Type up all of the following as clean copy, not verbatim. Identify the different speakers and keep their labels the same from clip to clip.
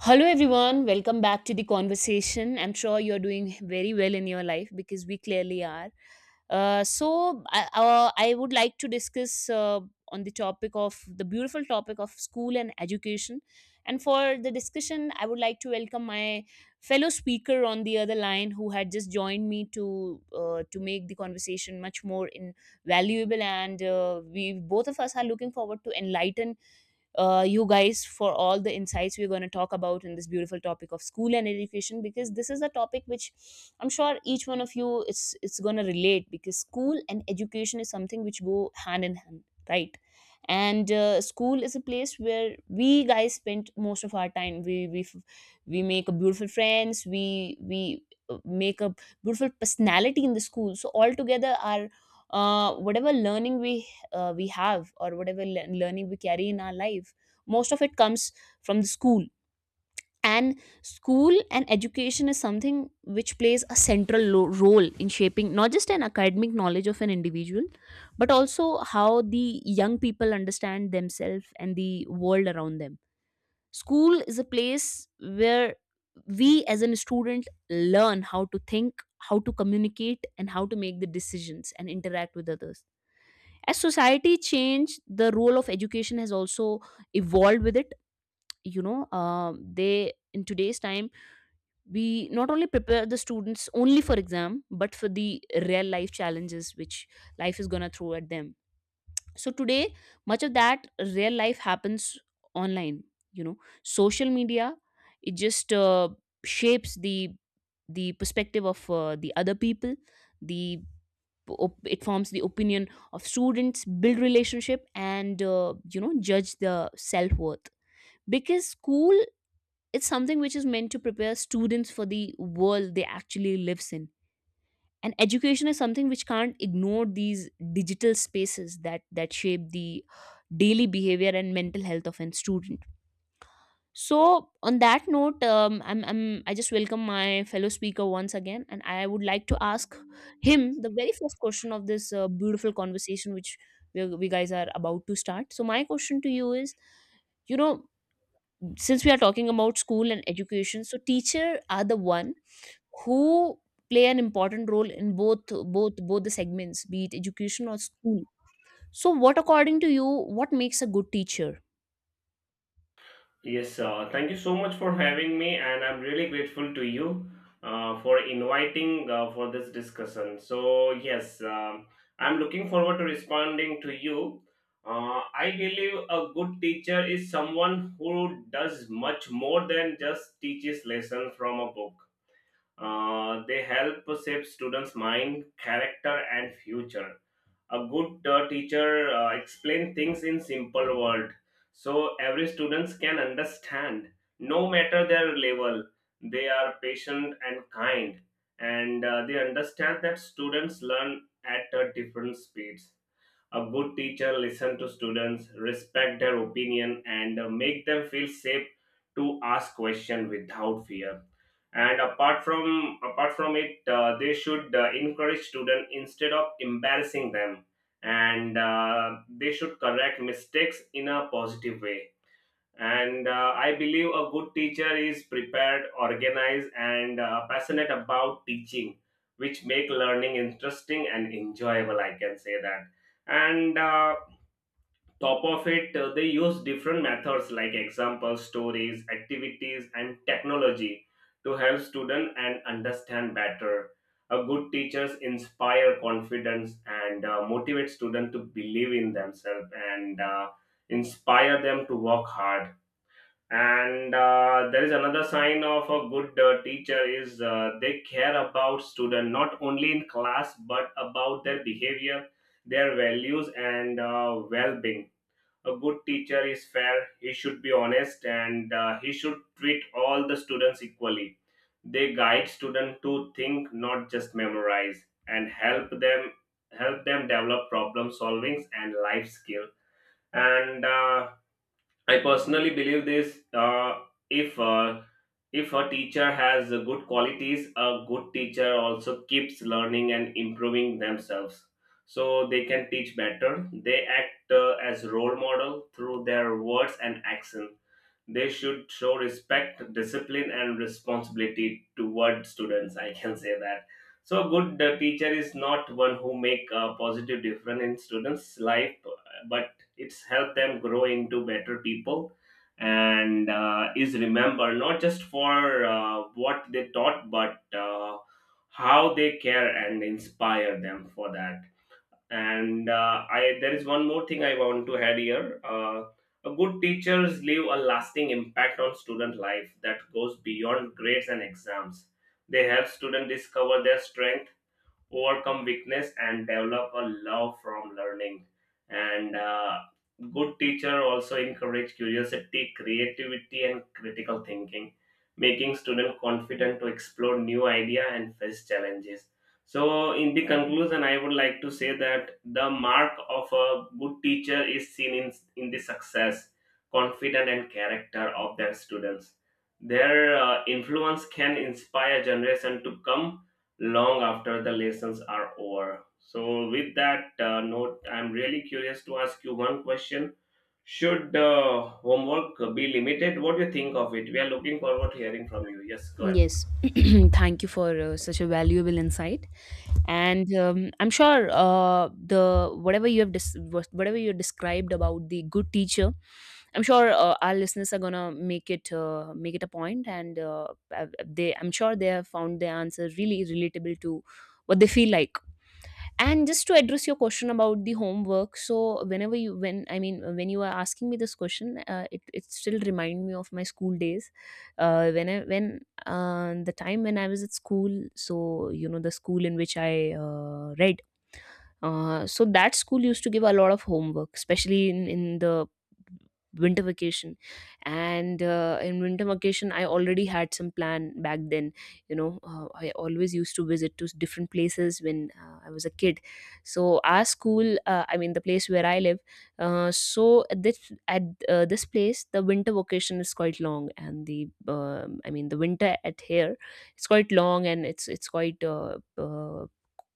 Speaker 1: Hello, everyone. Welcome back to the conversation. I'm sure you're doing very well in your life because we clearly are. So I would like to discuss on the topic of the beautiful topic of school and education. And for the discussion, I would like to welcome my fellow speaker on the other line who had just joined me to make the conversation much more invaluable. And we both of us are looking forward to enlighten you guys for all the insights we're going to talk about in this beautiful topic of school and education, because this is a topic which I'm sure each one of you, it's going to relate, because school and education is something which go hand in hand, right. And school is a place where we guys spend most of our time. We make a beautiful friends. We make a beautiful personality in the school. So altogether our whatever learning we have, or whatever learning we carry in our life, most of it comes from the school. And school and education is something which plays a central role in shaping not just an academic knowledge of an individual, but also how the young people understand themselves and the world around them. School is a place where we as a student learn how to think, how to communicate, and how to make the decisions and interact with others. As society changed, the role of education has also evolved with it. You know um, they in today's time we not only prepare the students only for exam, but for the real life challenges which life is going to throw at them. So today much of that real life happens online, you know, social media. It just shapes the perspective of the other people. the it forms the opinion of students, build relationship, and judge the self-worth, because school is something which is meant to prepare students for the world they actually lives in. And education is something which can't ignore these digital spaces that shape the daily behavior and mental health of a student. So on that note, I just welcome my fellow speaker once again, and I would like to ask him the very first question of this beautiful conversation which we guys are about to start. So my question to you is, you know, since we are talking about school and education, so teacher are the one who play an important role in both the segments, be it education or school. So what according to you, what makes a good teacher?
Speaker 2: Yes, thank you so much for having me, and I'm really grateful to you for inviting for this discussion. So yes, I'm looking forward to responding to you. I believe a good teacher is someone who does much more than just teaches lesson from a book. They help shape students' mind, character, and future. A good teacher explain things in simple word, so every students can understand, no matter their level. They are patient and kind, and they understand that students learn at a different speeds. A good teacher listen to students, respect their opinion, and make them feel safe to ask question without fear. And apart from it, they should encourage student instead of embarrassing them, and they should correct mistakes in a positive way, and I believe a good teacher is prepared, organized, and passionate about teaching, which make learning interesting and enjoyable, I can say that. And Top of it, they use different methods like examples, stories, activities, and technology to help students and understand better. A good teachers inspire confidence and motivate students to believe in themselves, and inspire them to work hard. And there is another sign of a good teacher is they care about student not only in class but about their behavior, their values, and well-being. A good teacher is fair, he should be honest, and he should treat all the students equally. They guide students to think, not just memorize, and help them develop problem solving and life skill. And I personally believe this. If uh, if a teacher has good qualities, a good teacher also keeps learning and improving themselves, so they can teach better. They act as role model through their words and actions. They should show respect, discipline, and responsibility toward students. I can say that. So, a good teacher is not one who make a positive difference in students' life, but it's help them grow into better people, and is remembered not just for what they taught, but how they care and inspire them for that. And uh, I there is one more thing I want to add here. A good teachers leave a lasting impact on student life that goes beyond grades and exams. They help students discover their strength, overcome weakness, and develop a love from learning. And Good teacher also encourage curiosity, creativity, and critical thinking, making student confident to explore new idea and face challenges. So in the conclusion, I would like to say that the mark of a good teacher is seen in the success, confidence, and character of their students. Their influence can inspire generation to come long after the lessons are over. So, with that note, I'm really curious to ask you one question. Should homework be limited? What do you think of it? We are looking forward to hearing from you. Yes, go ahead.
Speaker 1: Yes, thank you for such a valuable insight. And I'm sure the whatever you have whatever you described about the good teacher, I'm sure our listeners are gonna make it a point, and they I'm sure they have found the answer really relatable to what they feel like. And just to address your question about the homework, so whenever you when I mean when you are asking me this question, it, it still remind me of my school days. When I when The time when I was at school, so you know, the school in which I read, so that school used to give a lot of homework, especially in the winter vacation. And in winter vacation I already had some plan back then. You know, I always used to visit to different places when I was a kid. So our school, I mean the place where I live, so at this place, the winter vacation is quite long, and the I mean the winter at here, it's quite long, and it's quite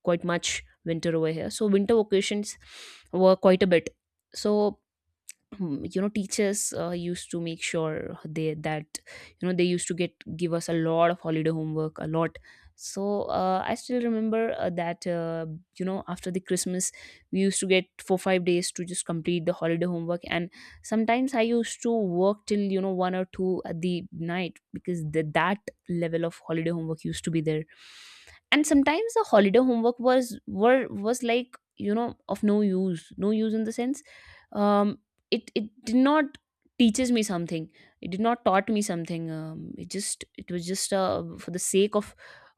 Speaker 1: quite much winter over here. So winter vacations were quite a bit. So you know, teachers used to make sure they that you know, they used to get give us a lot of holiday homework, a lot. So I still remember that you know, after the Christmas we used to get 4-5 days to just complete the holiday homework. And sometimes I used to work till you know, one or two at the night, because that level of holiday homework used to be there. And sometimes the holiday homework was like you know, of no use. No use in the sense, um it, it did not teaches me something, it did not taught me something. It just, it was just for the sake of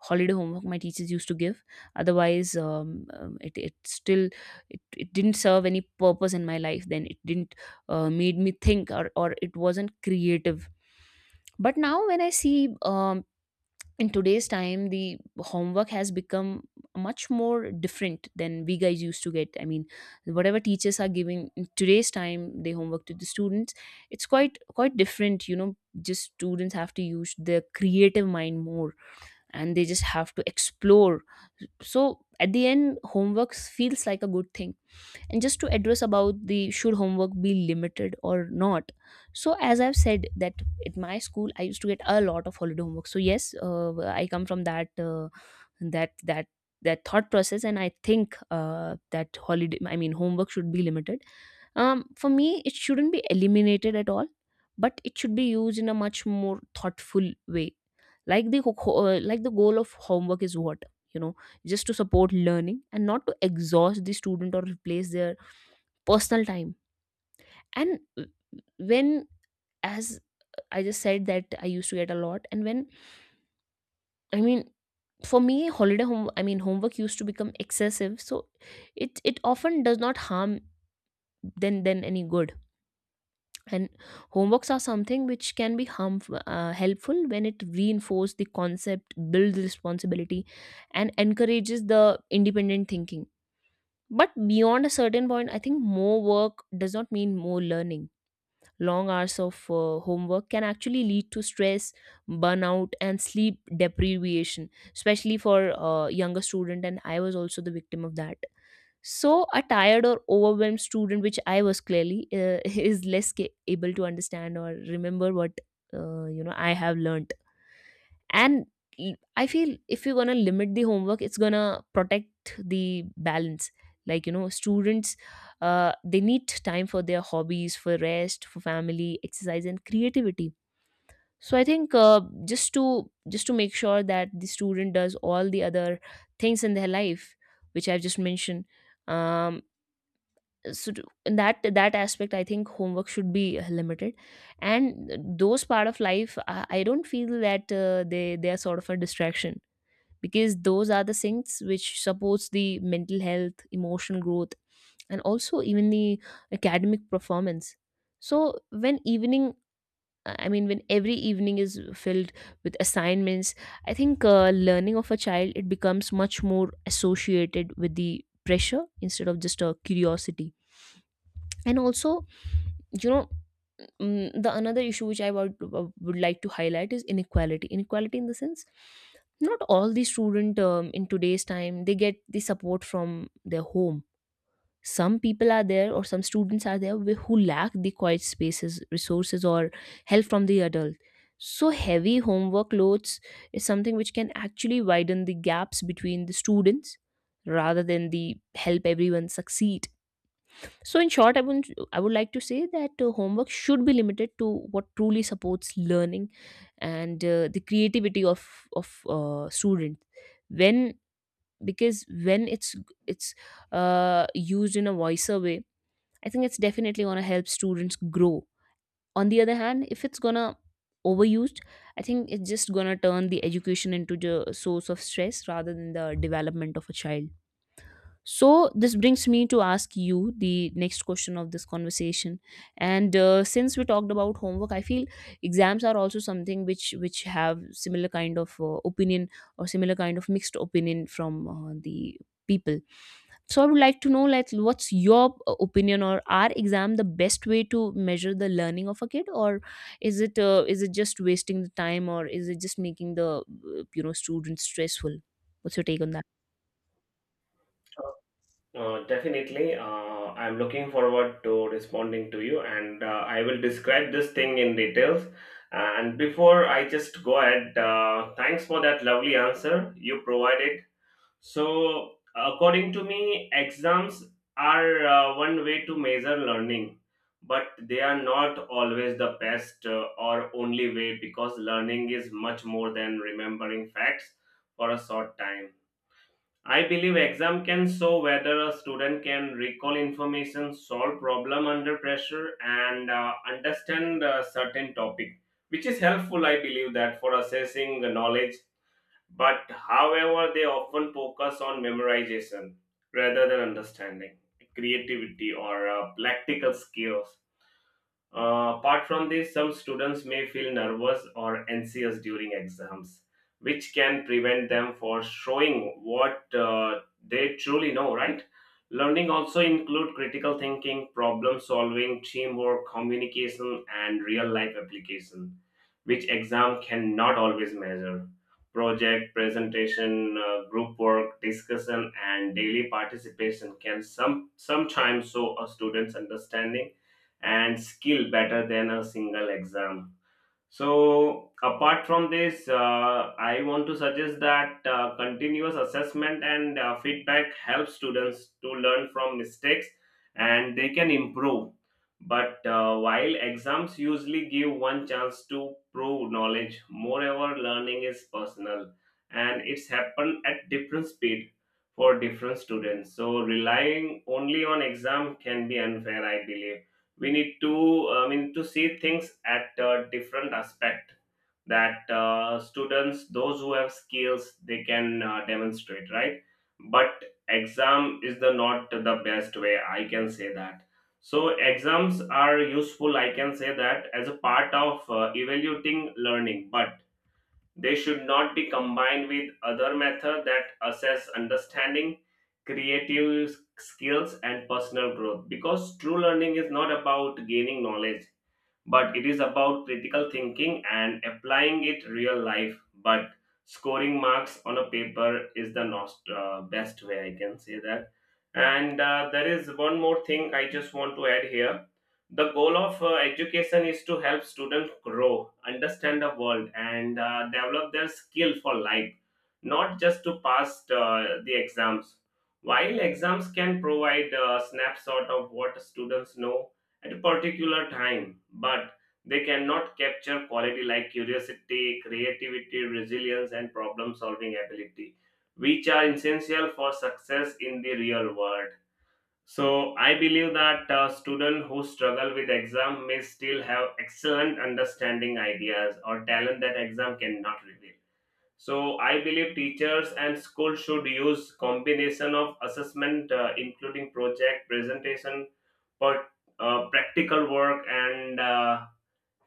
Speaker 1: holiday homework my teachers used to give. Otherwise it, it still, it didn't serve any purpose in my life then. It didn't made me think, or it wasn't creative. But now when I see, um, in today's time, the homework has become much more different than we guys used to get. I mean, whatever teachers are giving in today's time, the homework to the students, it's quite different, you know. Just students have to use their creative mind more, and they just have to explore. So at the end, homeworks feels like a good thing. And just to address about the should homework be limited or not, so as I've said that at my school I used to get a lot of holiday homework. So yes, I come from that that thought process, and I think that holiday I mean homework should be limited. For me, it shouldn't be eliminated at all, but it should be used in a much more thoughtful way. Like the like the goal of homework is what, you know, just to support learning, and not to exhaust the student or replace their personal time. And when, as I just said that I used to get a lot, and when, I mean, for me, holiday home I mean homework used to become excessive, so it often does not harm than any good. And homeworks are something which can be harmful helpful when it reinforces the concept, builds responsibility, and encourages the independent thinking. But beyond a certain point, I think more work does not mean more learning. Long hours of homework can actually lead to stress, burnout, and sleep deprivation, especially for younger student. And I was also the victim of that. So a tired or overwhelmed student, which I was clearly, is less able to understand or remember what you know I have learned. And I feel if you're gonna limit the homework, it's gonna protect the balance. Like you know, students they need time for their hobbies, for rest, for family, exercise, and creativity. So I think just to make sure that the student does all the other things in their life which I've just mentioned. um so to, in that aspect, I think homework should be limited. And those part of life, I don't feel that they are sort of a distraction, because those are the things which supports the mental health, emotional growth, and also even the academic performance. So when every evening is filled with assignments, I think learning of a child, it becomes much more associated with the pressure instead of just a curiosity. And also, you know, the another issue which I would like to highlight is inequality. Inequality in the sense not all the student, in today's time, they get the support from their home. Some people are there, or some students are there who lack the quiet spaces, resources, or help from the adult. So heavy homework loads is something which can actually widen the gaps between the students, rather than the help everyone succeed. So in short, I would like to say that homework should be limited to what truly supports learning and the creativity of of student. When because when it's uh, used in a wiser way, I think it's definitely gonna help students grow. On the other hand, if it's gonna overused, I think it's just gonna turn the education into the source of stress rather than the development of a child. So this brings me to ask you the next question of this conversation. And since we talked about homework, I feel exams are also something which have similar kind of opinion, or similar kind of mixed opinion from the people. So, I would like to know, like, what's your opinion, or are exam the best way to measure the learning of a kid, or is it just wasting the time, or is it just making the students stressful? What's your take on that?
Speaker 2: Definitely. I'm looking forward to responding to you, and I will describe this thing in details. And before I just go ahead, thanks for that lovely answer you provided. So, according to me, exams are one way to measure learning, but they are not always the best or only way, because learning is much more than remembering facts for a short time. I believe exam can show whether a student can recall information, solve problem under pressure, and understand a certain topic, which is helpful. I believe that for assessing the knowledge, but however, they often focus on memorization rather than understanding, creativity, or practical skills. Apart from this, some students may feel nervous or anxious during exams, which can prevent them for showing what they truly know, right? Learning also include critical thinking, problem solving, teamwork, communication, and real life application, which exam cannot always measure. Project, presentation, group work, discussion, and daily participation can sometimes show a student's understanding and skill better than a single exam. So, apart from this, I want to suggest that continuous assessment and feedback helps students to learn from mistakes, and they can improve. But while exams usually give one chance to prove knowledge, moreover, learning is personal and it's happened at different speed for different students. So, relying only on exam can be unfair. I believe we need to see things at a different aspect, that students those who have skills, they can demonstrate, right? But exam is the not the best way, I can say that. So exams are useful, I can say that, as a part of evaluating learning, but they should not be combined with other methods that assess understanding, creative skills, and personal growth, because true learning is not about gaining knowledge, but it is about critical thinking and applying it real life. But scoring marks on a paper is the most, best way, I can say that. And there is one more thing I just want to add here. The goal of education is to help students grow, understand the world, and develop their skill for life, not just to pass the exams. While exams can provide a snapshot of what students know at a particular time, but they cannot capture quality like curiosity, creativity, resilience, and problem solving ability, which are essential for success in the real world. So, I believe that students who struggle with exam may still have excellent understanding, ideas, or talent that exam cannot reveal. So I believe teachers and schools should use combination of assessment, including project, presentation, but practical work, and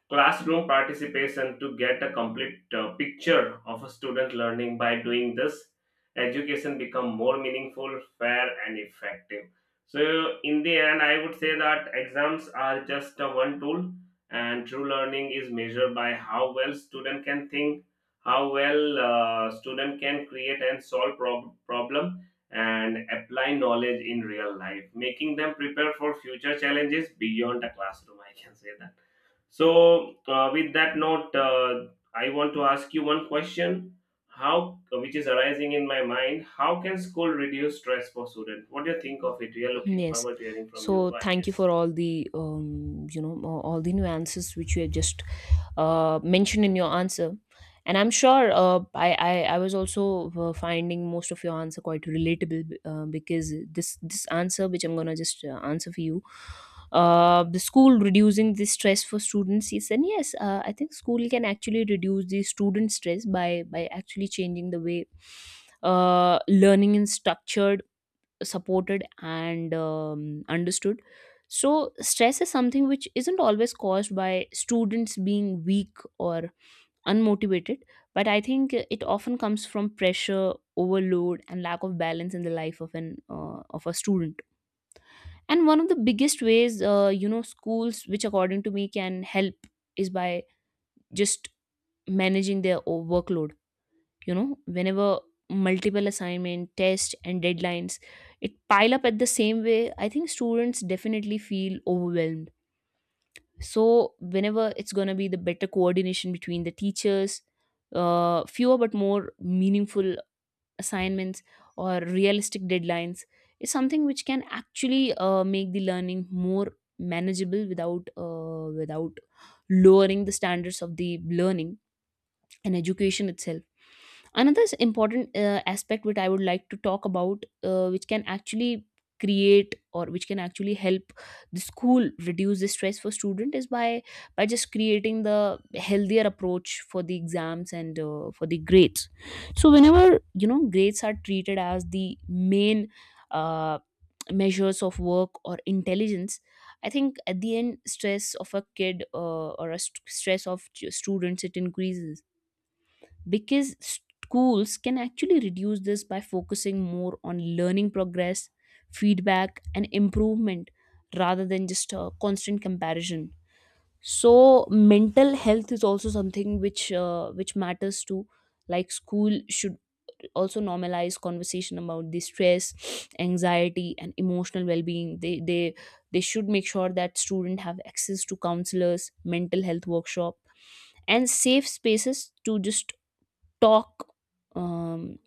Speaker 2: classroom participation to get a complete picture of a student learning. By doing this, education become more meaningful, fair, and effective. So in the end, I would say that exams are just a one tool, and true learning is measured by how well student can think, how well student can create and problem and apply knowledge in real life, making them prepare for future challenges beyond the classroom, I can say that. So, with that note, I want to ask you one question, how which is arising in my mind. How can school reduce stress for students? What do you think of it? We are looking
Speaker 1: Yes.
Speaker 2: forward to hearing from you.
Speaker 1: So
Speaker 2: But
Speaker 1: thank you
Speaker 2: yes.
Speaker 1: for all the all the nuances which you have just mentioned in your answer, and I'm sure I was also finding most of your answer quite relatable because this answer which I'm gonna just answer for you, the school reducing the stress for students is. And yes, I think school can actually reduce the student stress by actually changing the way learning is structured, supported, and understood. So stress is something which isn't always caused by students being weak or unmotivated, but I think it often comes from pressure, overload, and lack of balance in the life of an of a student. And one of the biggest ways, schools, which according to me can help, is by just managing their workload. You know, whenever multiple assignment test and deadlines, it pile up at the same way, I think students definitely feel overwhelmed. So whenever it's going to be the better coordination between the teachers, fewer but more meaningful assignments or realistic deadlines is something which can actually make the learning more manageable without without lowering the standards of the learning and education itself. Another important aspect which I would like to talk about, which can actually create, or which can actually help the school reduce the stress for student, is by just creating the healthier approach for the exams and for the grades. So whenever, you know, grades are treated as the main, uh, measures of work or intelligence, I think at the end stress of a kid, or stress of students, it increases, because schools can actually reduce this by focusing more on learning progress, feedback, and improvement rather than just constant comparison. So mental health is also something which, which matters too. Like school should also normalize conversation about the stress, anxiety, and emotional well-being. They should make sure that student have access to counselors, mental health workshop, and safe spaces to just talk, um,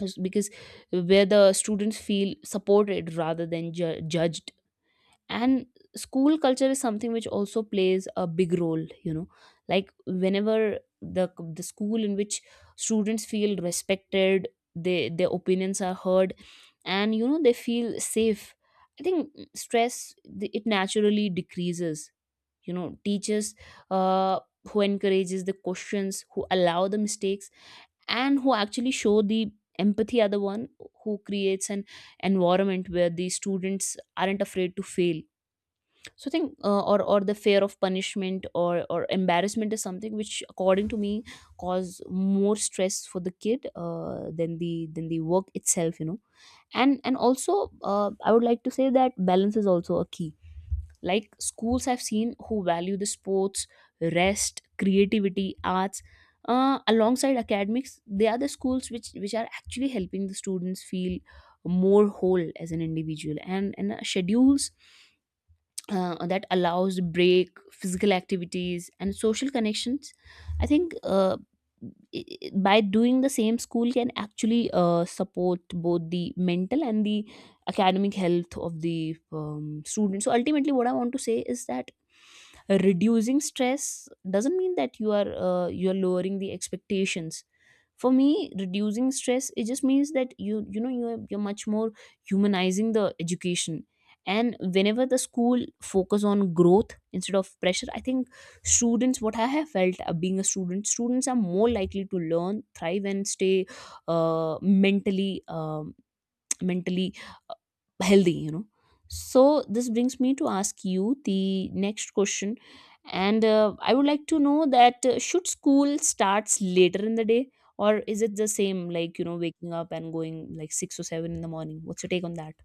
Speaker 1: because where the students feel supported rather than judged. And school culture is something which also plays a big role, you know. Like whenever the school in which students feel respected, they their opinions are heard, and, you know, they feel safe, I think stress, it naturally decreases. You know, teachers uh, who encourages the questions, who allow the mistakes, and who actually show the empathy are the one who creates an environment where the students aren't afraid to fail. So I think or the fear of punishment or embarrassment is something which, according to me, cause more stress for the kid, than the work itself, you know. And also, I would like to say that balance is also a key. Like schools I've seen who value the sports, rest, creativity, arts, alongside academics, they are the schools which are actually helping the students feel more whole as an individual. And schedules that allows break, physical activities, and social connections, I think, by doing the same, school can actually support both the mental and the academic health of the students. So ultimately what I want to say is that reducing stress doesn't mean that you are, you are lowering the expectations. For me reducing stress it just means that you're much more humanizing the education. And whenever the school focus on growth instead of pressure, I think students, what I have felt being a student, students are more likely to learn, thrive, and stay mentally, mentally healthy, you know. So this brings me to ask you the next question. And I would like to know that, should school starts later in the day, or is it the same, like, you know, waking up and going like 6 or 7 in the morning? What's your take on that?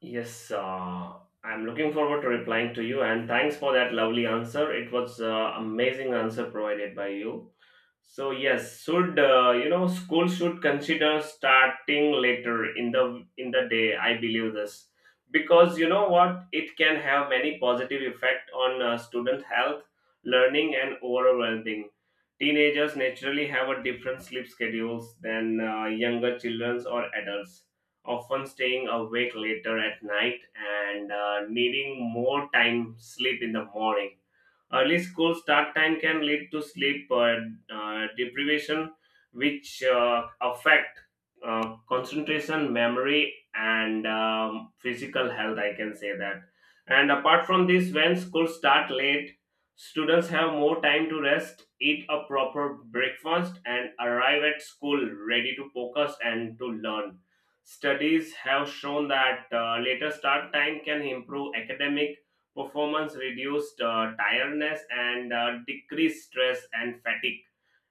Speaker 2: Yes, I'm looking forward to replying to you, and thanks for that lovely answer. It was amazing answer provided by you. So yes, should school should consider starting later in the day. I believe this, because you know what, it can have many positive effect on student health, learning, and overall well-being. Teenagers naturally have a different sleep schedules than younger children or adults, often staying awake later at night and needing more time sleep in the morning. Early school start time can lead to sleep deprivation, which affect concentration, memory, and physical health. I can say that. And apart from this, when school start late, students have more time to rest, eat a proper breakfast, and arrive at school ready to focus and to learn. Studies have shown that later start time can improve academic performance, reduced tiredness, and decreased stress and fatigue,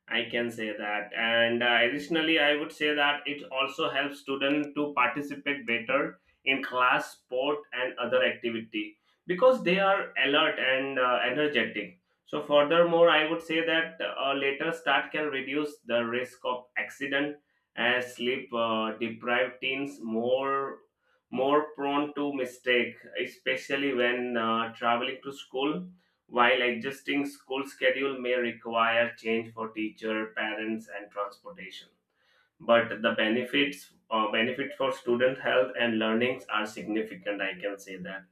Speaker 2: I can say that. And additionally, I would say that it also helps students to participate better in class, sport, and other activity, because they are alert and energetic. So, furthermore, I would say that a later start can reduce the risk of accident, as sleep deprived teens more prone to mistake, especially when traveling to school, while adjusting school schedule may require change for teacher, parents, and transportation. But the benefit for student health and learnings are significant, I can say that.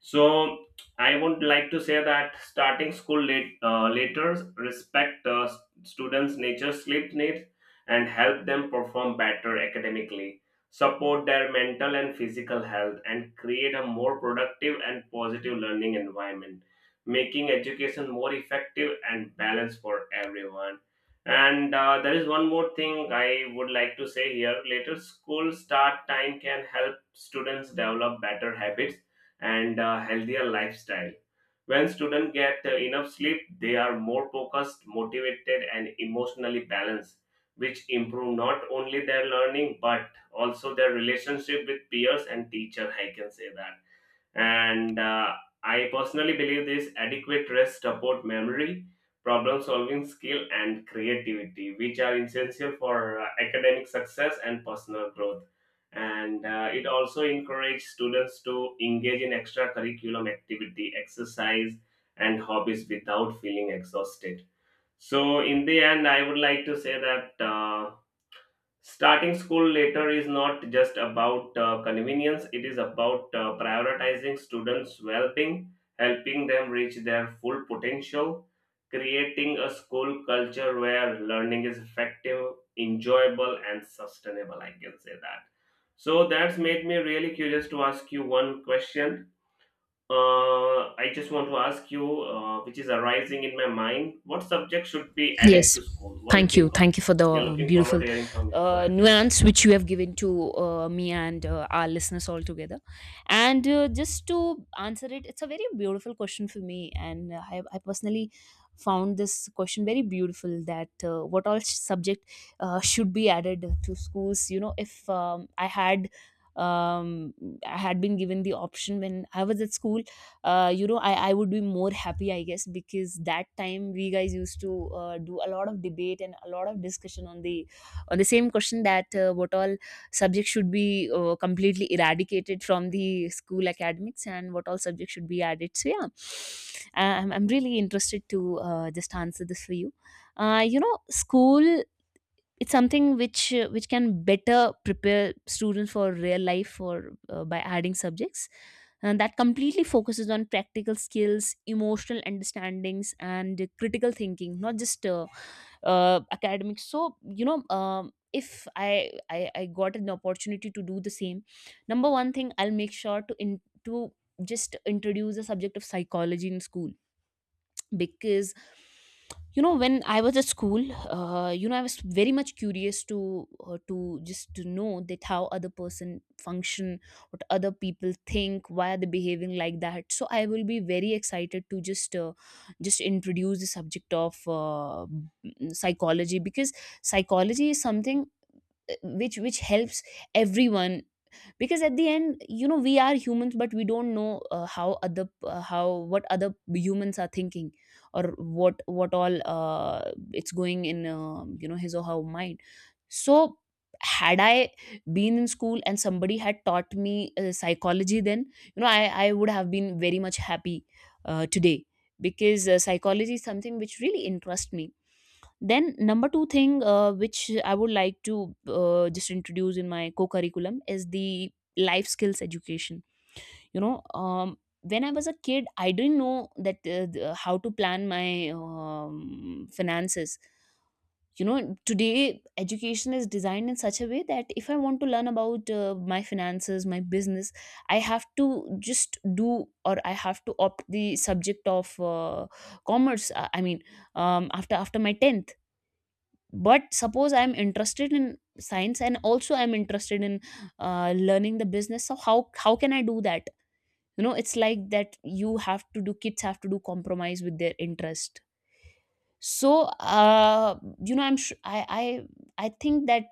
Speaker 2: So I would like to say that starting school later respect students' nature sleep needs and help them perform better academically, support their mental and physical health, and create a more productive and positive learning environment, making education more effective and balanced for everyone. And there is one more thing I would like to say here. Later school start time can help students develop better habits and a healthier lifestyle. When students get enough sleep, they are more focused, motivated, and emotionally balanced, which improve not only their learning but also their relationship with peers and teacher, I can say that. And I personally believe this: adequate rest support memory, problem solving skill, and creativity, which are essential for academic success and personal growth. And it also encourages students to engage in extracurriculum activity, exercise, and hobbies without feeling exhausted. So in the end, I would like to say that, starting school later is not just about convenience, it is about prioritizing students' well being, helping them reach their full potential, creating a school culture where learning is effective, enjoyable, and sustainable. I can say that. So that's made me really curious to ask you one question. I just want to ask you, which is arising in my mind, what subject should be added
Speaker 1: Yes.
Speaker 2: to school? What do you
Speaker 1: Thank you.
Speaker 2: think of
Speaker 1: Thank
Speaker 2: it?
Speaker 1: you for
Speaker 2: We are
Speaker 1: the
Speaker 2: looking forward
Speaker 1: beautiful
Speaker 2: to hearing from you. Go ahead, yes.
Speaker 1: nuance which you have given to me, and our listeners all together. And just to answer it, it's a very beautiful question for me. And I personally found this question very beautiful, that what all subject should be added to schools. You know, if um I had been given the option when I was at school, you know, I would be more happy, I guess, because that time we guys used to do a lot of debate and a lot of discussion on the same question, that what all subjects should be completely eradicated from the school academics and what all subjects should be added. So yeah, I'm really interested to just answer this for you. You know, school, it's something which, which can better prepare students for real life, for by adding subjects, and that completely focuses on practical skills, emotional understandings, and critical thinking, not just academics. So, you know, if I got an opportunity to do the same, number one thing I'll make sure to just introduce the subject of psychology in school, because, you know, when I was at school, I was very much curious to just to know that how other person function, what other people think, why are they behaving like that. So I will be very excited to just introduce the subject of, psychology, because psychology is something, which helps everyone, because at the end, you know, we are humans, but we don't know, how other how what other humans are thinking, or what all, it's going in, his or her mind. So had I been in school and somebody had taught me psychology, then, you know, I would have been very much happy today, because psychology is something which really interests me. Then number two thing, which I would like to just introduce in my co-curriculum, is the life skills education. You know, when I was a kid, I didn't know that, how to plan my finances. You know, today education is designed in such a way that if I want to learn about my finances, my business, I have to just do, or I have to opt the subject of commerce. I mean, after my tenth. But suppose I'm interested in science, and also I'm interested in learning the business, so how can I do that? You know, it's like that you have to do kids have to do compromise with their interest. So you know, I think that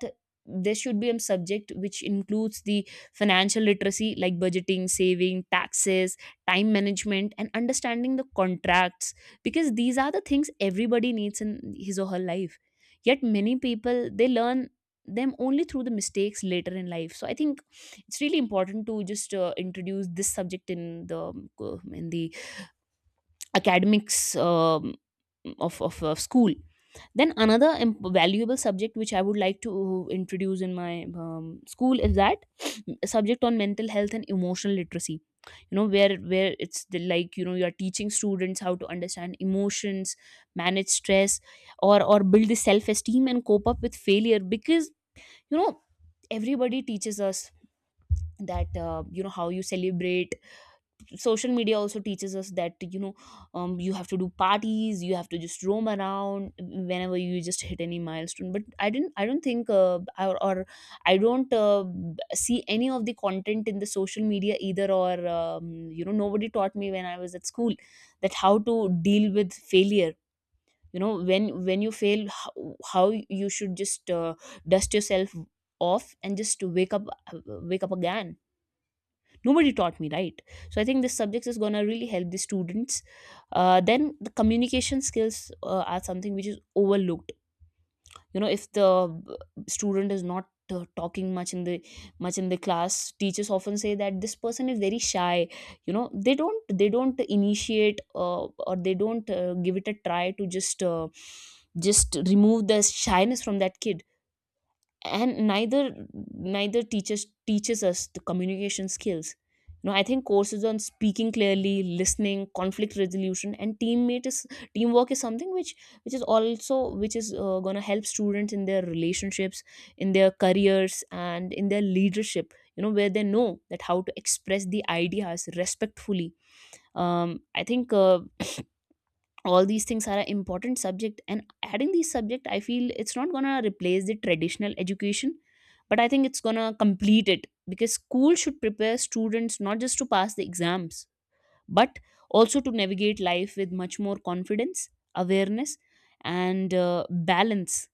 Speaker 1: there should be a subject which includes the financial literacy, like budgeting, saving, taxes, time management, and understanding the contracts, because these are the things everybody needs in his or her life, yet many people they learn them only through the mistakes later in life. So I think it's really important to just introduce this subject in the, in the academics, of, school. Then another valuable subject which I would like to introduce in my school is that subject on mental health and emotional literacy. You know, where like, you know, you are teaching students how to understand emotions, manage stress, or build the self esteem and cope up with failure. Because, you know, everybody teaches us that, you know, how you celebrate. Social media also teaches us that, you know, you have to do parties, you have to just roam around whenever you just hit any milestone. But I don't think, or I don't see any of the content in the social media either, or, you know, nobody taught me when I was at school that how to deal with failure. You know, when you fail, how, you should just, dust yourself off and just wake up, uh, wake up again. Nobody taught me, right? So I think this subject is going to really help the students. Then the communication skills, are something which is overlooked. You know, if the student is not talking much in the, class, teachers often say that this person is very shy. You know, they don't initiate, or they don't give it a try to just remove the shyness from that kid, and neither teaches us the communication skills. You know, I think courses on speaking clearly, listening, conflict resolution, and teammate is teamwork is something which is also, which is going to help students in their relationships, in their careers, and in their leadership. You know, where they know that how to express the ideas respectfully. I think, all these things are an important subject, and adding these subject, I feel, it's not gonna replace the traditional education, but I think it's gonna complete it, because school should prepare students not just to pass the exams, but also to navigate life with much more confidence, awareness, and balance.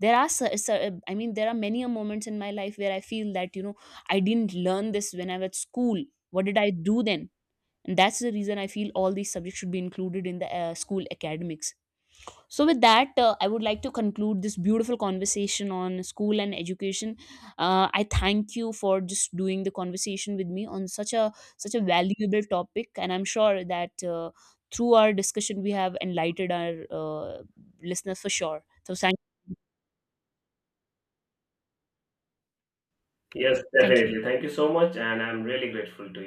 Speaker 1: There are, I mean, there are many a moments in my life where I feel that, you know, I didn't learn this when I was at school. What did I do then? And that's the reason I feel all these subjects should be included in the school academics. So, with that, I would like to conclude this beautiful conversation on school and education. I thank you for just doing the conversation with me on such a valuable topic, and I'm sure that through our discussion we have enlightened our listeners for sure. So,
Speaker 2: Yes,
Speaker 1: thank you.
Speaker 2: definitely. Thank you so much, and I'm really grateful to